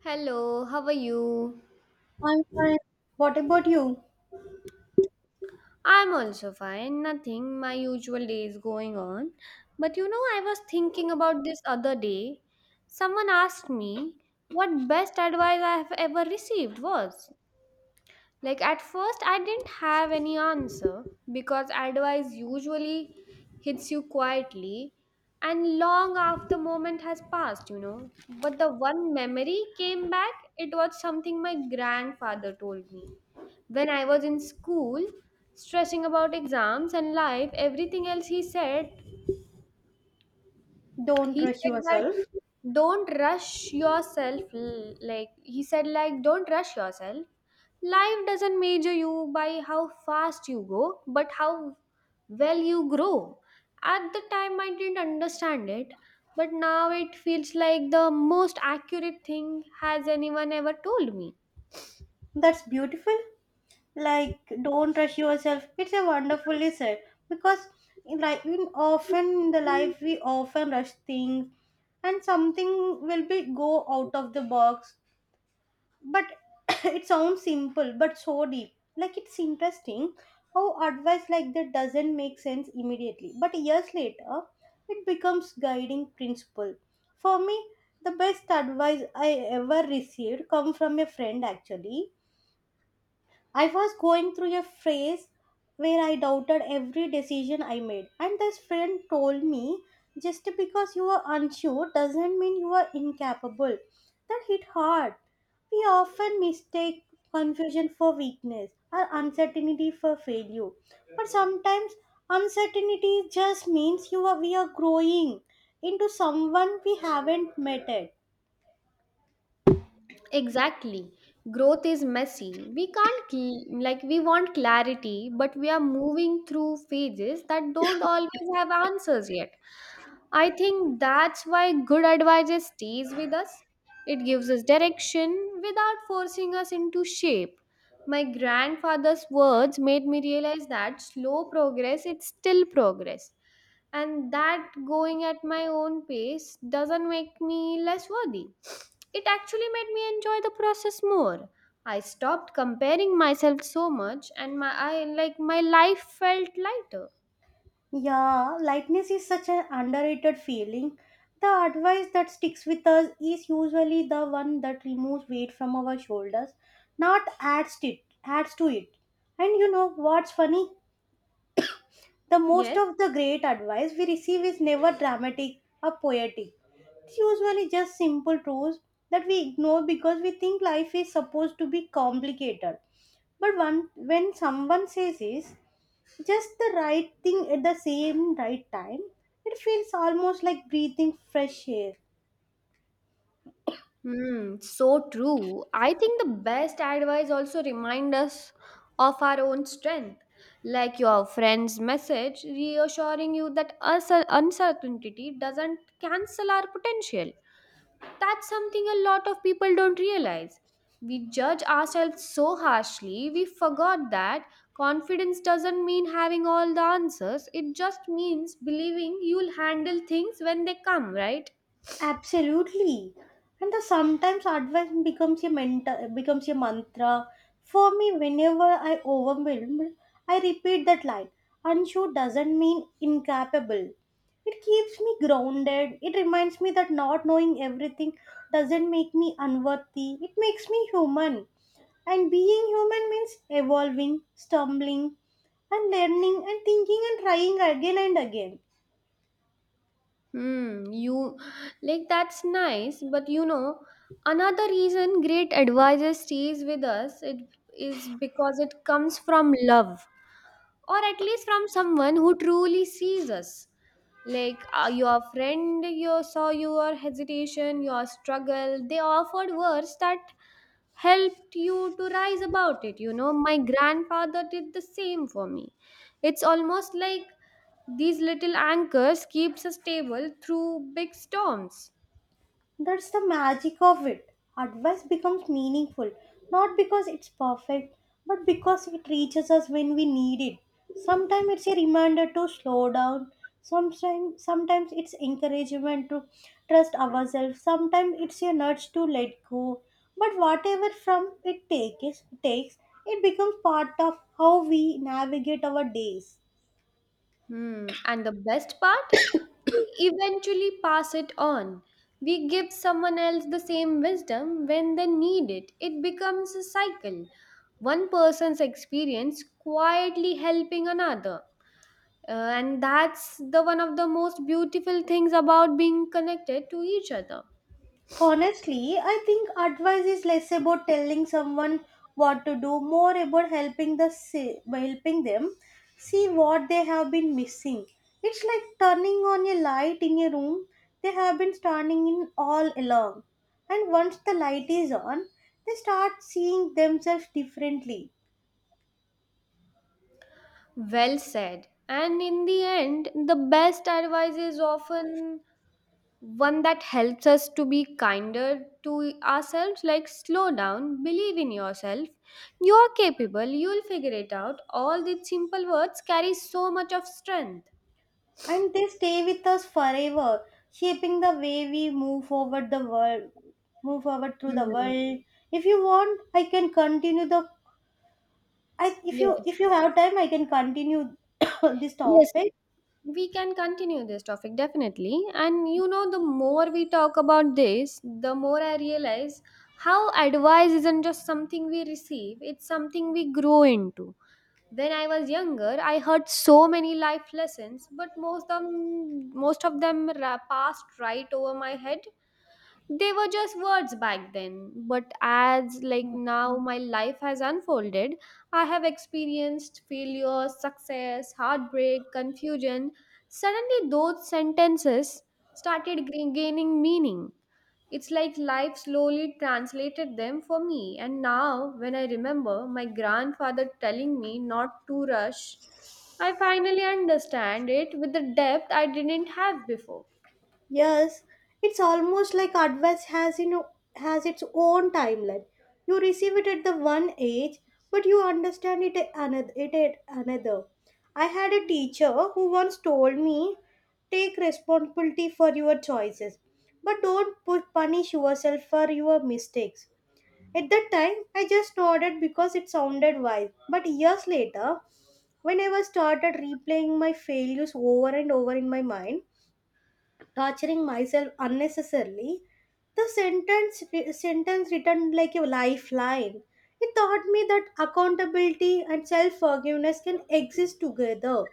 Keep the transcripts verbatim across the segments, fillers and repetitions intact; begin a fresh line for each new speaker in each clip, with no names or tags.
Hello, how are you?
I'm fine. What about you?
I'm also fine, nothing. My usual day is going on. But you know, I was thinking about this other day. Someone asked me what best advice I have ever received was. Like at first, I didn't have any answer because advice usually hits you quietly and long after the moment has passed, you know. But the one memory came back, it was something my grandfather told me. When I was in school, stressing about exams and life, everything else he said
Don't
he
rush
said that
yourself.
don't rush yourself l- like he said like don't rush yourself. Life doesn't measure you by how fast you go, but how well you grow. At the time, I didn't understand it, but now it feels like the most accurate thing has anyone ever told me.
That's beautiful. Like, don't rush yourself. It's a wonderfully said because, in like, in often in the life we often rush things, and something will be go out of the box. But it sounds simple but so deep. Like, it's interesting how advice like that doesn't make sense immediately but years later it becomes guiding principle for me. The best advice I ever received come from a friend, actually. I was going through a phase where I doubted every decision I made, and this friend told me, just because you are unsure doesn't mean you are incapable. That hit hard. We often mistake confusion for weakness or uncertainty for failure, but sometimes uncertainty just means you are we are growing into someone we haven't met yet.
Exactly. Growth is messy. We can't, cl- like, we want clarity, but we are moving through phases that don't always have answers yet. I think that's why good advice stays with us. It gives us direction without forcing us into shape. My grandfather's words made me realize that slow progress is still progress, and that going at my own pace doesn't make me less worthy. It actually made me enjoy the process more. I stopped comparing myself so much, and my I like my life felt lighter.
Yeah, lightness is such an underrated feeling. The advice that sticks with us is usually the one that removes weight from our shoulders, not adds it adds to it. And you know what's funny? The most
Yes.
of the great advice we receive is never dramatic or poetic. It's usually just simple truths that we ignore because we think life is supposed to be complicated. But one, when someone says this, just the right thing at the same right time. It feels almost like breathing fresh air.
Hmm, so true. I think the best advice also remind us of our own strength. Like your friend's message reassuring you that us- uncertainty doesn't cancel our potential. That's something a lot of people don't realize. We judge ourselves so harshly, we forgot that confidence doesn't mean having all the answers. It just means believing you'll handle things when they come, right?
Absolutely. And the sometimes advice becomes a mentor, becomes a mantra. For me, whenever I overwhelmed, I repeat that line. Unsure doesn't mean incapable. It keeps me grounded. It reminds me that not knowing everything doesn't make me unworthy. It makes me human. And being human means evolving, stumbling, and learning, and thinking and trying again and again.
Hmm, you like that's nice, but you know, another reason great advisor stays with us it is because it comes from love, or at least from someone who truly sees us. Like, uh, your friend, you saw your hesitation, your struggle, they offered words that helped you to rise about it, you know. My grandfather did the same for me. It's almost like these little anchors keeps us stable through big storms.
That's the magic of it. Advice becomes meaningful, not because it's perfect, but because it reaches us when we need it. Sometimes it's a reminder to slow down, sometimes, sometimes it's encouragement to trust ourselves, sometimes it's a nudge to let go. But whatever from it takes, takes, it becomes part of how we navigate our days.
Hmm. And the best part, we eventually pass it on. We give someone else the same wisdom when they need it. It becomes a cycle. One person's experience quietly helping another. Uh, and that's the one of the most beautiful things about being connected to each other.
Honestly, I think advice is less about telling someone what to do, more about helping the se- by helping them see what they have been missing. It's like turning on a light in a room they have been standing in all along. And once the light is on, they start seeing themselves differently.
Well said. And in the end, the best advice is often one that helps us to be kinder to ourselves. Like, slow down, believe in yourself, you are capable, you'll figure it out. All these simple words carry so much of strength.
And they stay with us forever, shaping the way we move forward the world move forward through the
Hmm.
world. If you want, I can continue the I if you
Yes,
if you have time, I can continue this
yes,
topic.
we can continue this topic definitely. And you know, the more we talk about this, the more I realize how advice isn't just something we receive, it's something we grow into. When I was younger, I heard so many life lessons, but most of them, most of them ra- passed right over my head. They were just words back then, but as like now my life has unfolded, I have experienced failure, success, heartbreak, confusion. Suddenly, those sentences started g- gaining meaning. It's like life slowly translated them for me. And now, when I remember my grandfather telling me not to rush, I finally understand it with the depth I didn't have before.
Yes, it's almost like advice has you know has its own timeline. You receive it at the one age, but you understand it at another. It at another. I had a teacher who once told me, "Take responsibility for your choices, but don't pu- punish yourself for your mistakes." At that time, I just nodded because it sounded wise. But years later, when I was started replaying my failures over and over in my mind, torturing myself unnecessarily, the sentence sentence returned like a lifeline. It taught me that accountability and self forgiveness can exist together.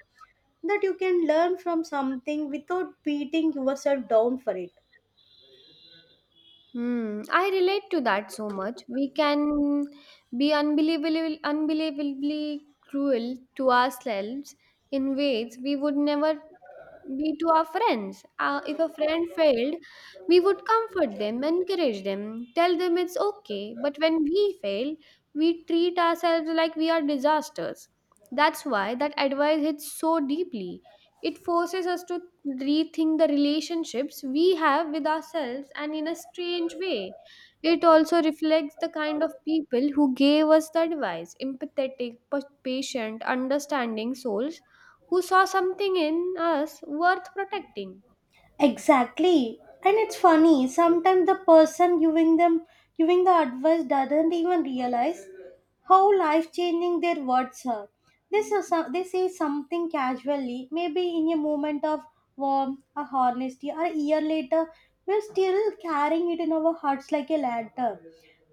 That you can learn from something without beating yourself down for it.
Hmm, I relate to that so much. We can be unbelievably, unbelievably cruel to ourselves in ways we would never be to our friends. Uh, if a friend failed, we would comfort them, encourage them, tell them it's okay. But when we fail, we treat ourselves like we are disasters. That's why that advice hits so deeply. It forces us to rethink the relationships we have with ourselves, and in a strange way, it also reflects the kind of people who gave us the advice: empathetic, pa- patient, understanding souls who saw something in us worth protecting.
Exactly. And it's funny, sometimes the person giving them giving the advice doesn't even realize how life changing their words are. They say, so, they say something casually, maybe in a moment of warmth or honesty, or a year later, we're still carrying it in our hearts like a lantern.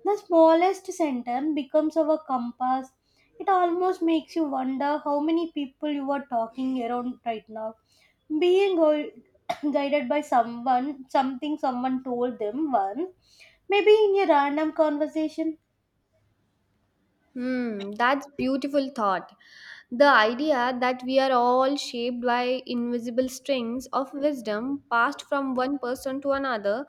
The smallest sentence becomes our compass. It almost makes you wonder how many people you are talking around right now being old guided by someone, something someone told them once, maybe in a random conversation.
Hmm, that's beautiful thought. The idea that we are all shaped by invisible strings of wisdom passed from one person to another.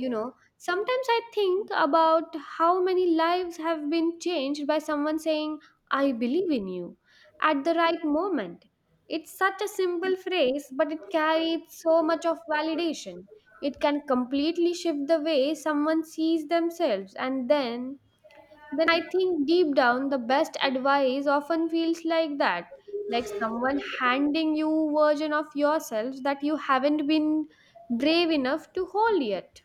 You know, sometimes I think about how many lives have been changed by someone saying, "I believe in you," at the right moment. It's such a simple phrase, but it carries so much of validation. It can completely shift the way someone sees themselves. And then, then I think deep down, the best advice often feels like that, like someone handing you version of yourself that you haven't been brave enough to hold yet.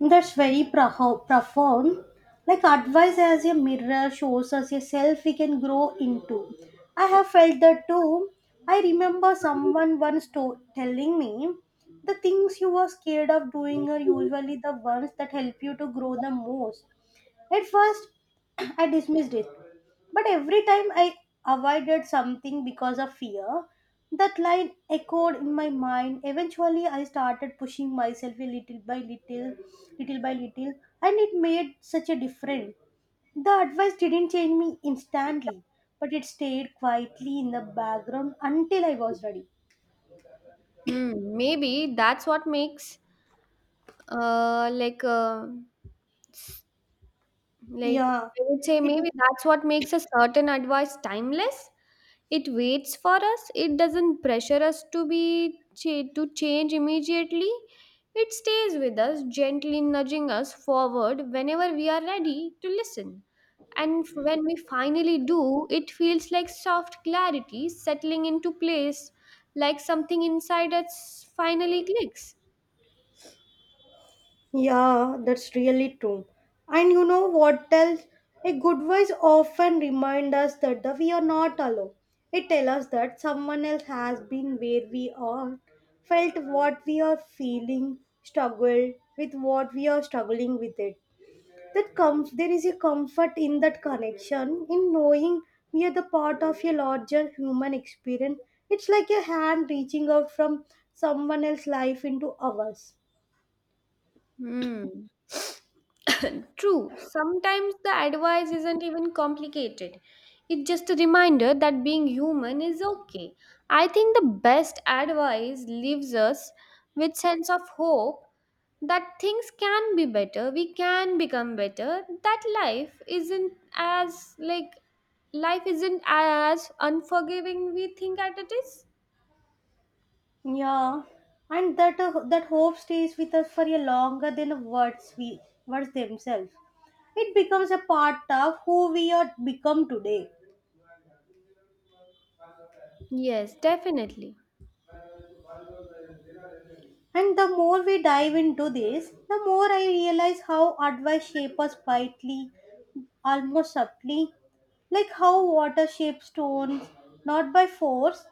That's very pro- profound. Like advice as a mirror shows us a self we can grow into. I have felt that too. I remember someone once to- telling me the things you were scared of doing are usually the ones that help you to grow the most. At first, I dismissed it. But every time I avoided something because of fear, that line echoed in my mind. Eventually, I started pushing myself a little by little, little by little, and it made such a difference. The advice didn't change me instantly, but it stayed quietly in the background until I was ready.
Hmm, maybe that's what makes uh like uh, like
Yeah,
I would say,
it
maybe that's what makes a certain advice timeless. It waits for us. It doesn't pressure us to be cha- to change immediately. It stays with us, gently nudging us forward whenever we are ready to listen. And f- when we finally do, it feels like soft clarity settling into place, like something inside us finally clicks.
Yeah, that's really true. And you know what else? A good voice often reminds us that the, we are not alone. It tells us that someone else has been where we are, felt what we are feeling, struggled with what we are struggling with it. That comes there is a comfort in that connection, in knowing we are the part of a larger human experience. It's like a hand reaching out from someone else's life into ours.
Hmm. True, sometimes the advice isn't even complicated. It's just a reminder that being human is okay. I think the best advice leaves us with sense of hope that things can be better, we can become better, that life isn't as like life isn't as unforgiving we think that it is.
Yeah, and that uh, that hope stays with us for a longer than words we words themselves. It becomes a part of who we are become today.
Yes, definitely.
And the more we dive into this, the more I realize how advice shapes us quietly, almost subtly, like how water shapes stones, not by force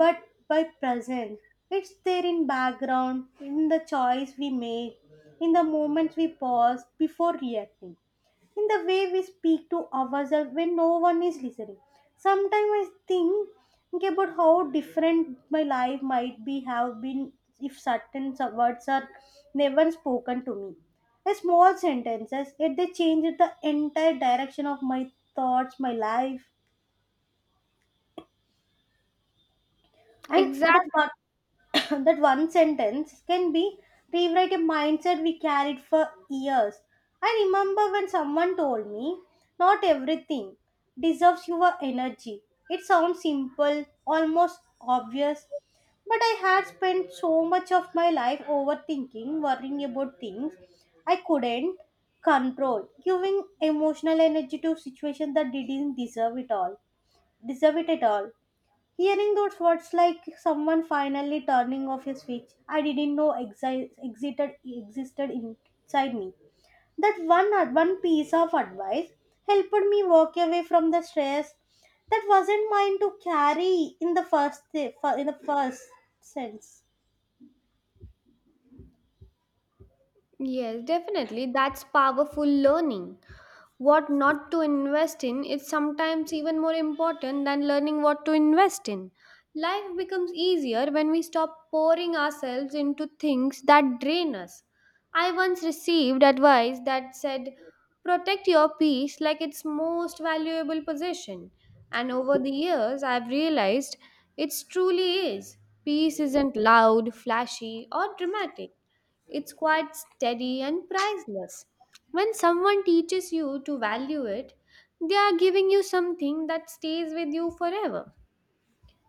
but by present. It's there in background, in the choice we make, in the moments we pause before reacting, in the way we speak to ourselves when no one is listening. Sometimes I think, okay, about how different my life might be have been if certain sub- words are never spoken to me. A small sentences, yet they changed the entire direction of my thoughts, my life, and that
Exactly.
one that one sentence can be rewrite a mindset we carried for years. I remember when someone told me, not everything deserves your energy. It sounds simple, almost obvious, but I had spent so much of my life overthinking, worrying about things I couldn't control, giving emotional energy to situations that didn't deserve it all, deserve it at all. Hearing those words like someone finally turning off a switch I didn't know exi- existed existed inside me. That one one piece of advice helped me walk away from the stress that wasn't mine to carry in the first in the first sense.
Yes, definitely. That's powerful learning. What not to invest in is sometimes even more important than learning what to invest in. Life becomes easier when we stop pouring ourselves into things that drain us. I once received advice that said, protect your peace like its most valuable possession. And over the years, I've realized it truly is. Peace isn't loud, flashy, or dramatic. It's quite steady and priceless. When someone teaches you to value it, they are giving you something that stays with you forever.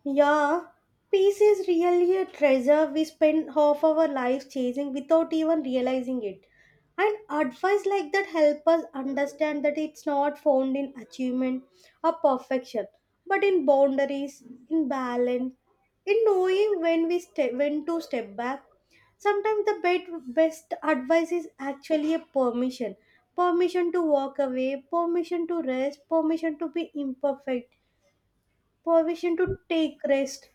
Yeah, peace is really a treasure we spend half our lives chasing without even realizing it. And advice like that help us understand that it's not found in achievement or perfection, but in boundaries, in balance, in knowing when we step when to step back. Sometimes the bet- best advice is actually a permission. Permission to walk away, permission to rest, permission to be imperfect, permission to take rest.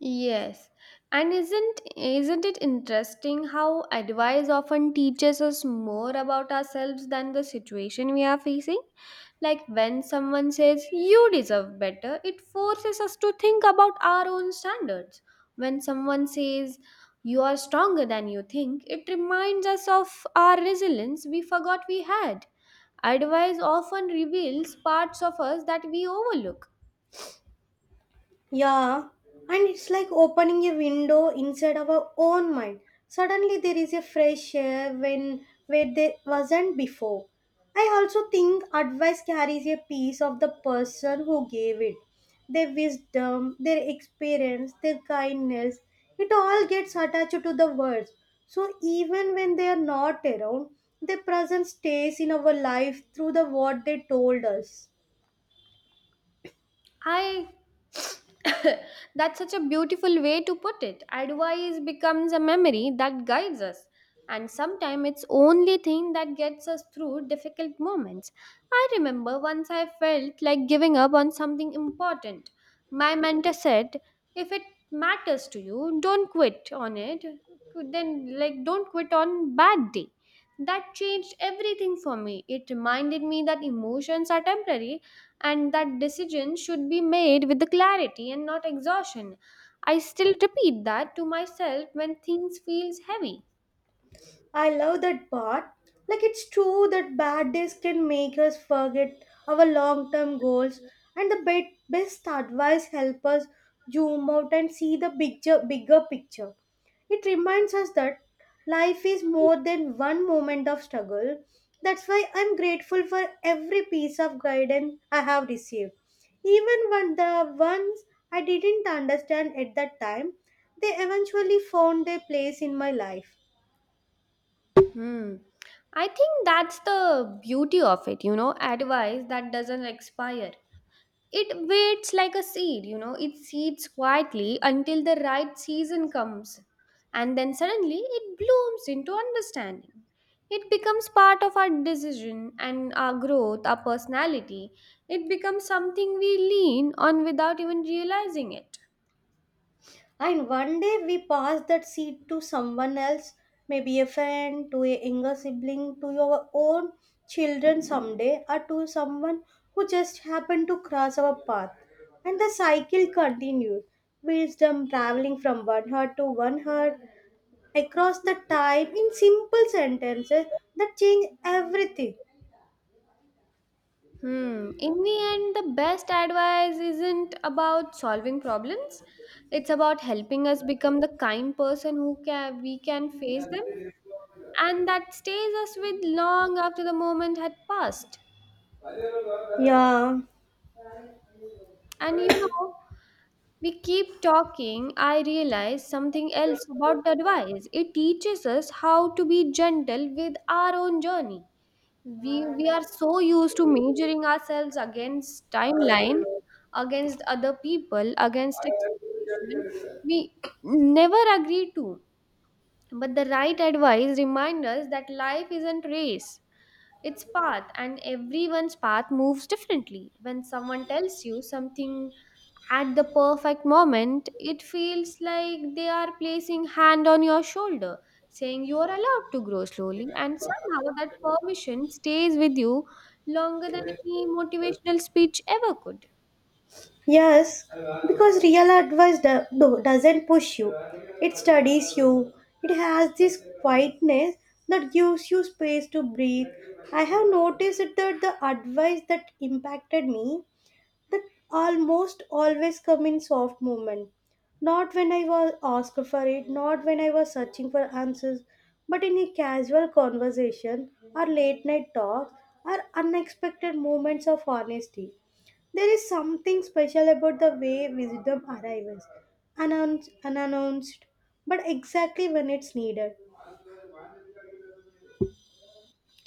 Yes. And isn't isn't it interesting how advice often teaches us more about ourselves than the situation we are facing? Like when someone says you deserve better, it forces us to think about our own standards. When someone says you are stronger than you think, it reminds us of our resilience we forgot we had. Advice often reveals parts of us that we overlook.
Yeah, and it's like opening a window inside our own mind. Suddenly there is a fresh air when where there wasn't before. I also think advice carries a piece of the person who gave it. Their wisdom, their experience, their kindness, it all gets attached to the words. So even when they are not around, their presence stays in our life through the what they told us.
I That's such a beautiful way to put it. Advice becomes a memory that guides us. And sometimes it's only thing that gets us through difficult moments. I remember once I felt like giving up on something important. My mentor said, if it matters to you, don't quit on it. Then like don't quit on bad day. That changed everything for me. It reminded me that emotions are temporary, and that decision should be made with the clarity and not exhaustion. I still repeat that to myself when things feels heavy.
I love that part. Like it's true that bad days can make us forget our long-term goals, and the be- best advice help us zoom out and see the bigger, bigger picture. It reminds us that life is more than one moment of struggle. That's why I'm grateful for every piece of guidance I have received. Even when the ones I didn't understand at that time, they eventually found their place in my life.
Hmm, I think that's the beauty of it, you know, advice that doesn't expire. It waits like a seed, you know, it seeds quietly until the right season comes. And then suddenly it blooms into understanding. It becomes part of our decision and our growth, our personality. It becomes something we lean on without even realizing it.
And one day we pass that seed to someone else, maybe a friend, to a younger sibling, to your own children someday, or to someone who just happened to cross our path. And the cycle continues, wisdom traveling from one heart to one heart, across the time in simple sentences that change everything.
Hmm. In the end, the best advice isn't about solving problems. It's about helping us become the kind person who can we can face them, and that stays us with long after the moment had passed.
Yeah.
And you know, we keep talking. I realize something else about the advice. It teaches us how to be gentle with our own journey. We we are so used to measuring ourselves against timeline, against other people, against expectation. We never agree to. But the right advice reminds us that life isn't race. It's path, and everyone's path moves differently. When someone tells you something at the perfect moment, it feels like they are placing hand on your shoulder, saying you are allowed to grow slowly, and somehow that permission stays with you longer than any motivational speech ever could.
Yes, because real advice do- do- doesn't push you, it studies you. It has this quietness that gives you space to breathe. I have noticed that the advice that impacted me that almost always come in soft movement. Not when I was asked for it, not when I was searching for answers, but in a casual conversation or late night talks or unexpected moments of honesty. There is something special about the way wisdom arrives, announced, unannounced, but exactly when it's needed.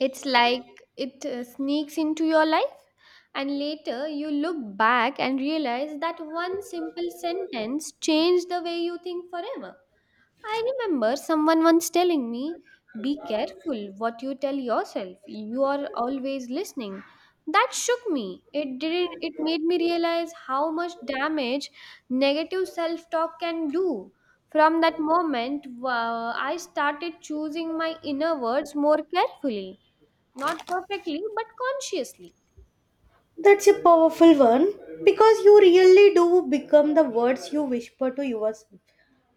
It's like it uh, sneaks into your life, and later you look back and realize that one simple sentence changed the way you think forever. I remember someone once telling me, be careful what you tell yourself. You are always listening. That shook me. It didn't It made me realize how much damage negative self-talk can do. From that moment, uh, I started choosing my inner words more carefully, not perfectly, but consciously.
That's a powerful one because you really do become the words you whisper to yourself.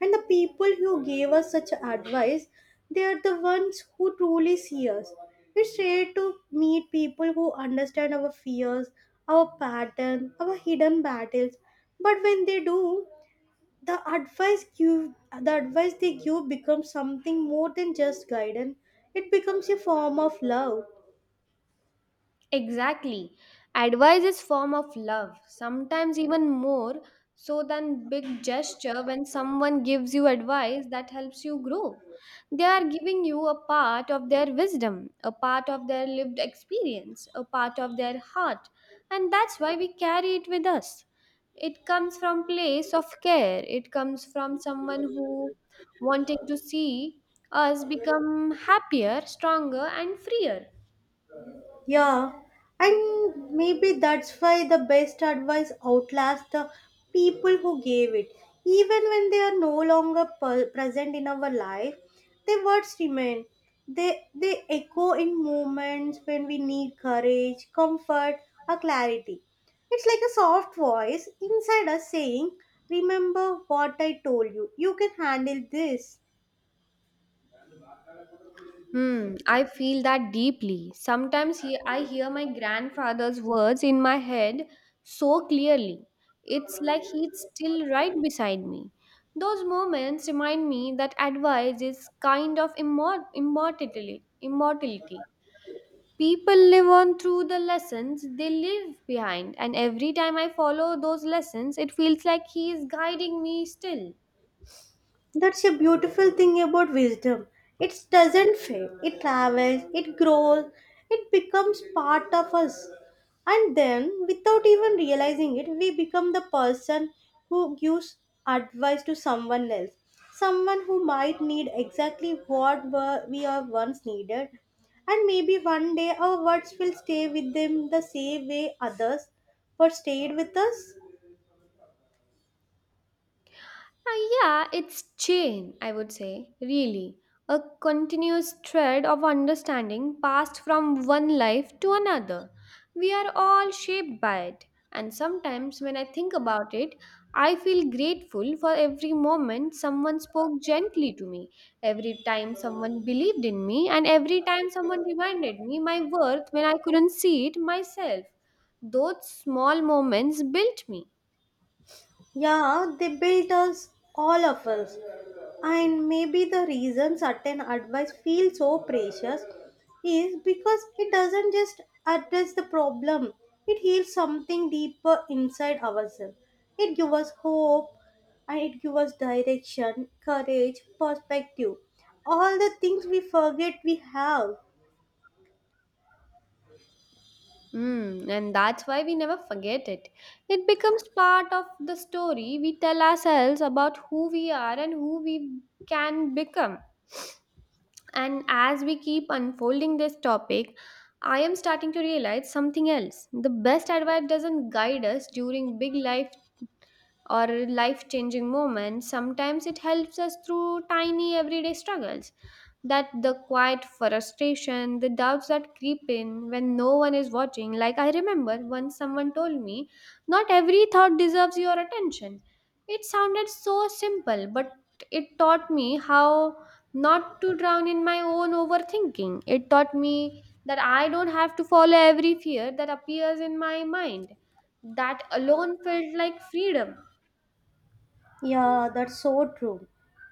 And the people who gave us such advice, they are the ones who truly see us. It's rare to meet people who understand our fears, our pattern, our hidden battles. But when they do, the advice give the advice they give becomes something more than just guidance. It becomes a form of love.
Exactly. Advice is form of love, sometimes even more so than big gesture. When someone gives you advice that helps you grow, they are giving you a part of their wisdom, a part of their lived experience, a part of their heart, and that's why we carry it with us. It comes from place of care. It comes from someone who wanting to see us become happier, stronger and freer.
Yeah, and maybe that's why the best advice outlasts the people who gave it. Even when they are no longer per- present in our life, their words remain. They, they echo in moments when we need courage, comfort, or clarity. It's like a soft voice inside us saying, "Remember what I told you, you can handle this."
Hmm, I feel that deeply. Sometimes he, I hear my grandfather's words in my head so clearly. It's like he's still right beside me. Those moments remind me that advice is kind of immor- immortality. immortality. People live on through the lessons they leave behind, and every time I follow those lessons, it feels like he is guiding me still.
That's a beautiful thing about wisdom. It doesn't fade, it travels, it grows, it becomes part of us. And then, without even realizing it, we become the person who gives advice to someone else. Someone who might need exactly what were- we are once needed. And maybe one day our words will stay with them the same way others were stayed with us.
Uh, yeah, it's chain, I would say, really. A continuous thread of understanding passed from one life to another. We are all shaped by it. And sometimes when I think about it, I feel grateful for every moment someone spoke gently to me, every time someone believed in me, and every time someone reminded me my worth when I couldn't see it myself. Those small moments built me.
Yeah, they built us, all of us. And maybe the reason certain advice feels so precious is because it doesn't just address the problem, it heals something deeper inside ourselves. It gives us hope, and it gives us direction, courage, perspective, all the things we forget we have.
Mm, and that's why we never forget it. It becomes part of the story we tell ourselves about who we are and who we can become. And as we keep unfolding this topic, I am starting to realize something else. The best advice doesn't guide us during big life or life changing moments, sometimes it helps us through tiny everyday struggles that the quiet frustration, the doubts that creep in when no one is watching. Like I remember once someone told me, not every thought deserves your attention. It sounded so simple, but it taught me how not to drown in my own overthinking. It taught me that I don't have to follow every fear that appears in my mind. That alone felt like freedom.
Yeah, that's so true.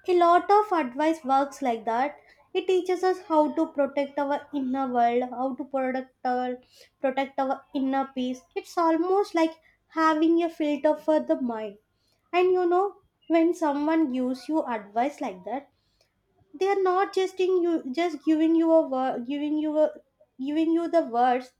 A lot of advice works like that. It teaches us how to protect our inner world, how to protect our protect our inner peace. It's almost like having a filter for the mind. And you know, when someone gives you advice like that, they are not just in you just giving you a word, giving you a giving you the words.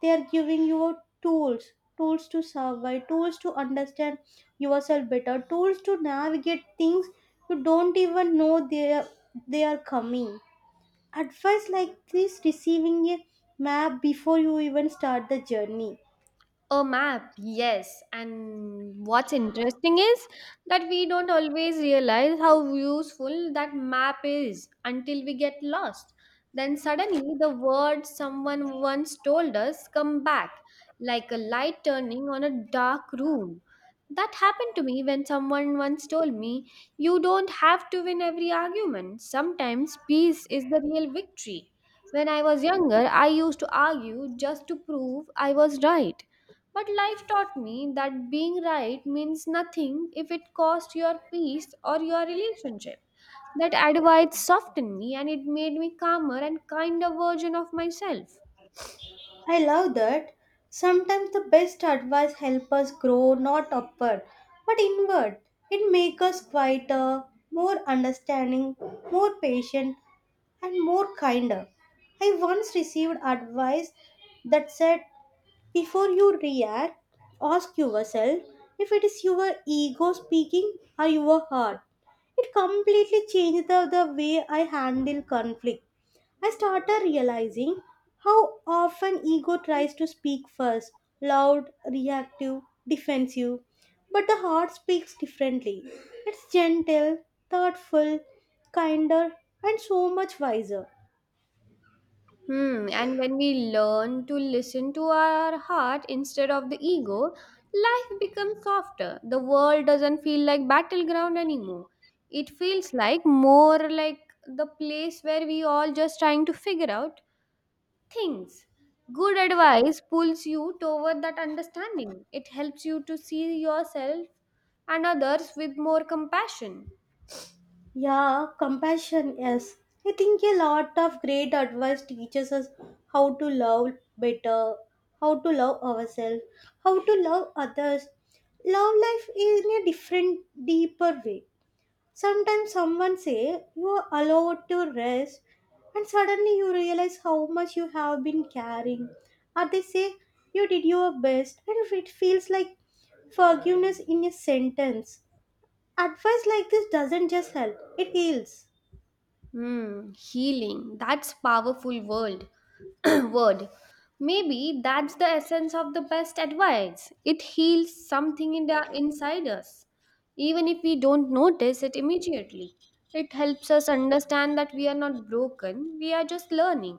They are giving you tools, tools to survive, tools to understand yourself better, tools to navigate things you don't even know they are, they are coming. Advice like this, receiving a map before you even start the journey.
A map, yes. And what's interesting is that we don't always realize how useful that map is until we get lost. Then suddenly the words someone once told us come back, like a light turning on a dark room. That happened to me when someone once told me, you don't have to win every argument. Sometimes peace is the real victory. When I was younger, I used to argue just to prove I was right. But life taught me that being right means nothing if it costs your peace or your relationship. That advice softened me and it made me calmer and kinder version of myself.
I love that. Sometimes the best advice help us grow not upward but inward. It makes us quieter, more understanding, more patient, and more kinder. I once received advice that said, before you react, ask yourself if it is your ego speaking or your heart. It completely changed the, the way I handle conflict. I started realizing how often ego tries to speak first, loud, reactive, defensive. But the heart speaks differently. It's gentle, thoughtful, kinder, and so much wiser.
Hmm, and when we learn to listen to our heart instead of the ego, life becomes softer. The world doesn't feel like battleground anymore. It feels like more like the place where we all just trying to figure out things. Good advice pulls you toward that understanding. It helps you to see yourself and others with more compassion.
Yeah, compassion, yes. I think a lot of great advice teaches us how to love better, how to love ourselves, how to love others. Love life in a different, deeper way. Sometimes someone say you are allowed to rest, and suddenly you realize how much you have been carrying. Or they say you did your best, and if it feels like forgiveness in a sentence. Advice like this doesn't just help, it heals.
Hmm, healing. That's powerful word. word. Maybe that's the essence of the best advice. It heals something in the inside us, even if we don't notice it immediately. It helps us understand that we are not broken, we are just learning.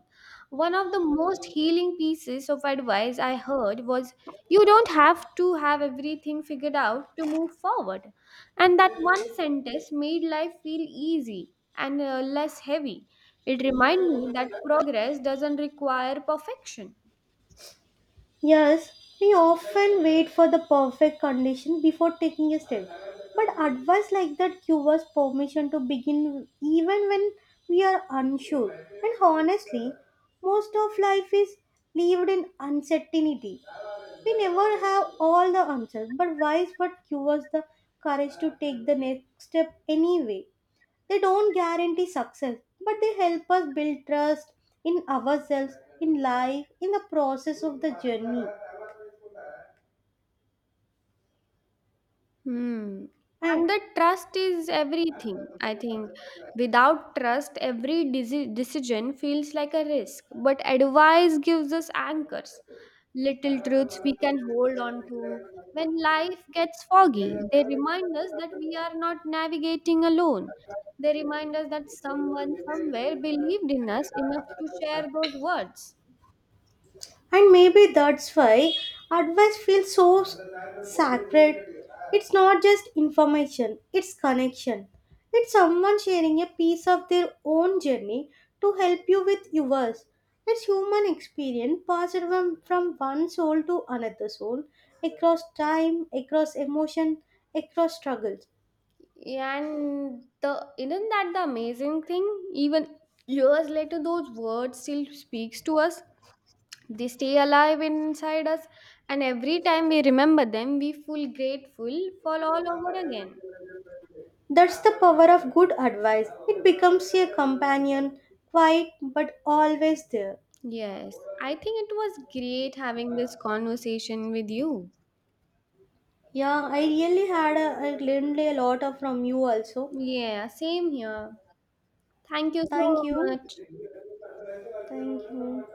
One of the most healing pieces of advice I heard was you don't have to have everything figured out to move forward. And that one sentence made life feel easy and uh, less heavy. It reminded me that progress doesn't require perfection.
Yes, we often wait for the perfect condition before taking a step. But advice like that gives us permission to begin even when we are unsure. And honestly, most of life is lived in uncertainty. We never have all the answers, but wise what gives us the courage to take the next step anyway. They don't guarantee success, but they help us build trust in ourselves, in life, in the process of the journey.
Hmm.
And
And the trust is everything. I think without trust, every desi- decision feels like a risk. But advice gives us anchors, little truths we can hold on to. When life gets foggy, they remind us that we are not navigating alone. They remind us that someone somewhere believed in us enough to share those words.
and maybe that's why advice feels so s- sacred. It's not just information, it's connection. It's someone sharing a piece of their own journey to help you with yours. It's human experience passed from, from one soul to another soul, across time, across emotion, across struggles.
And the isn't that the amazing thing? Even years later, those words still speaks to us. They stay alive inside us, and every time we remember them, we feel grateful for all over again.
That's the power of good advice. It becomes a companion, quiet but always there.
Yes, I think it was great having this conversation with you.
Yeah, I really had a, I learned a lot of from you also.
Yeah, same here. Thank you so
Thank you.
much.
Thank you.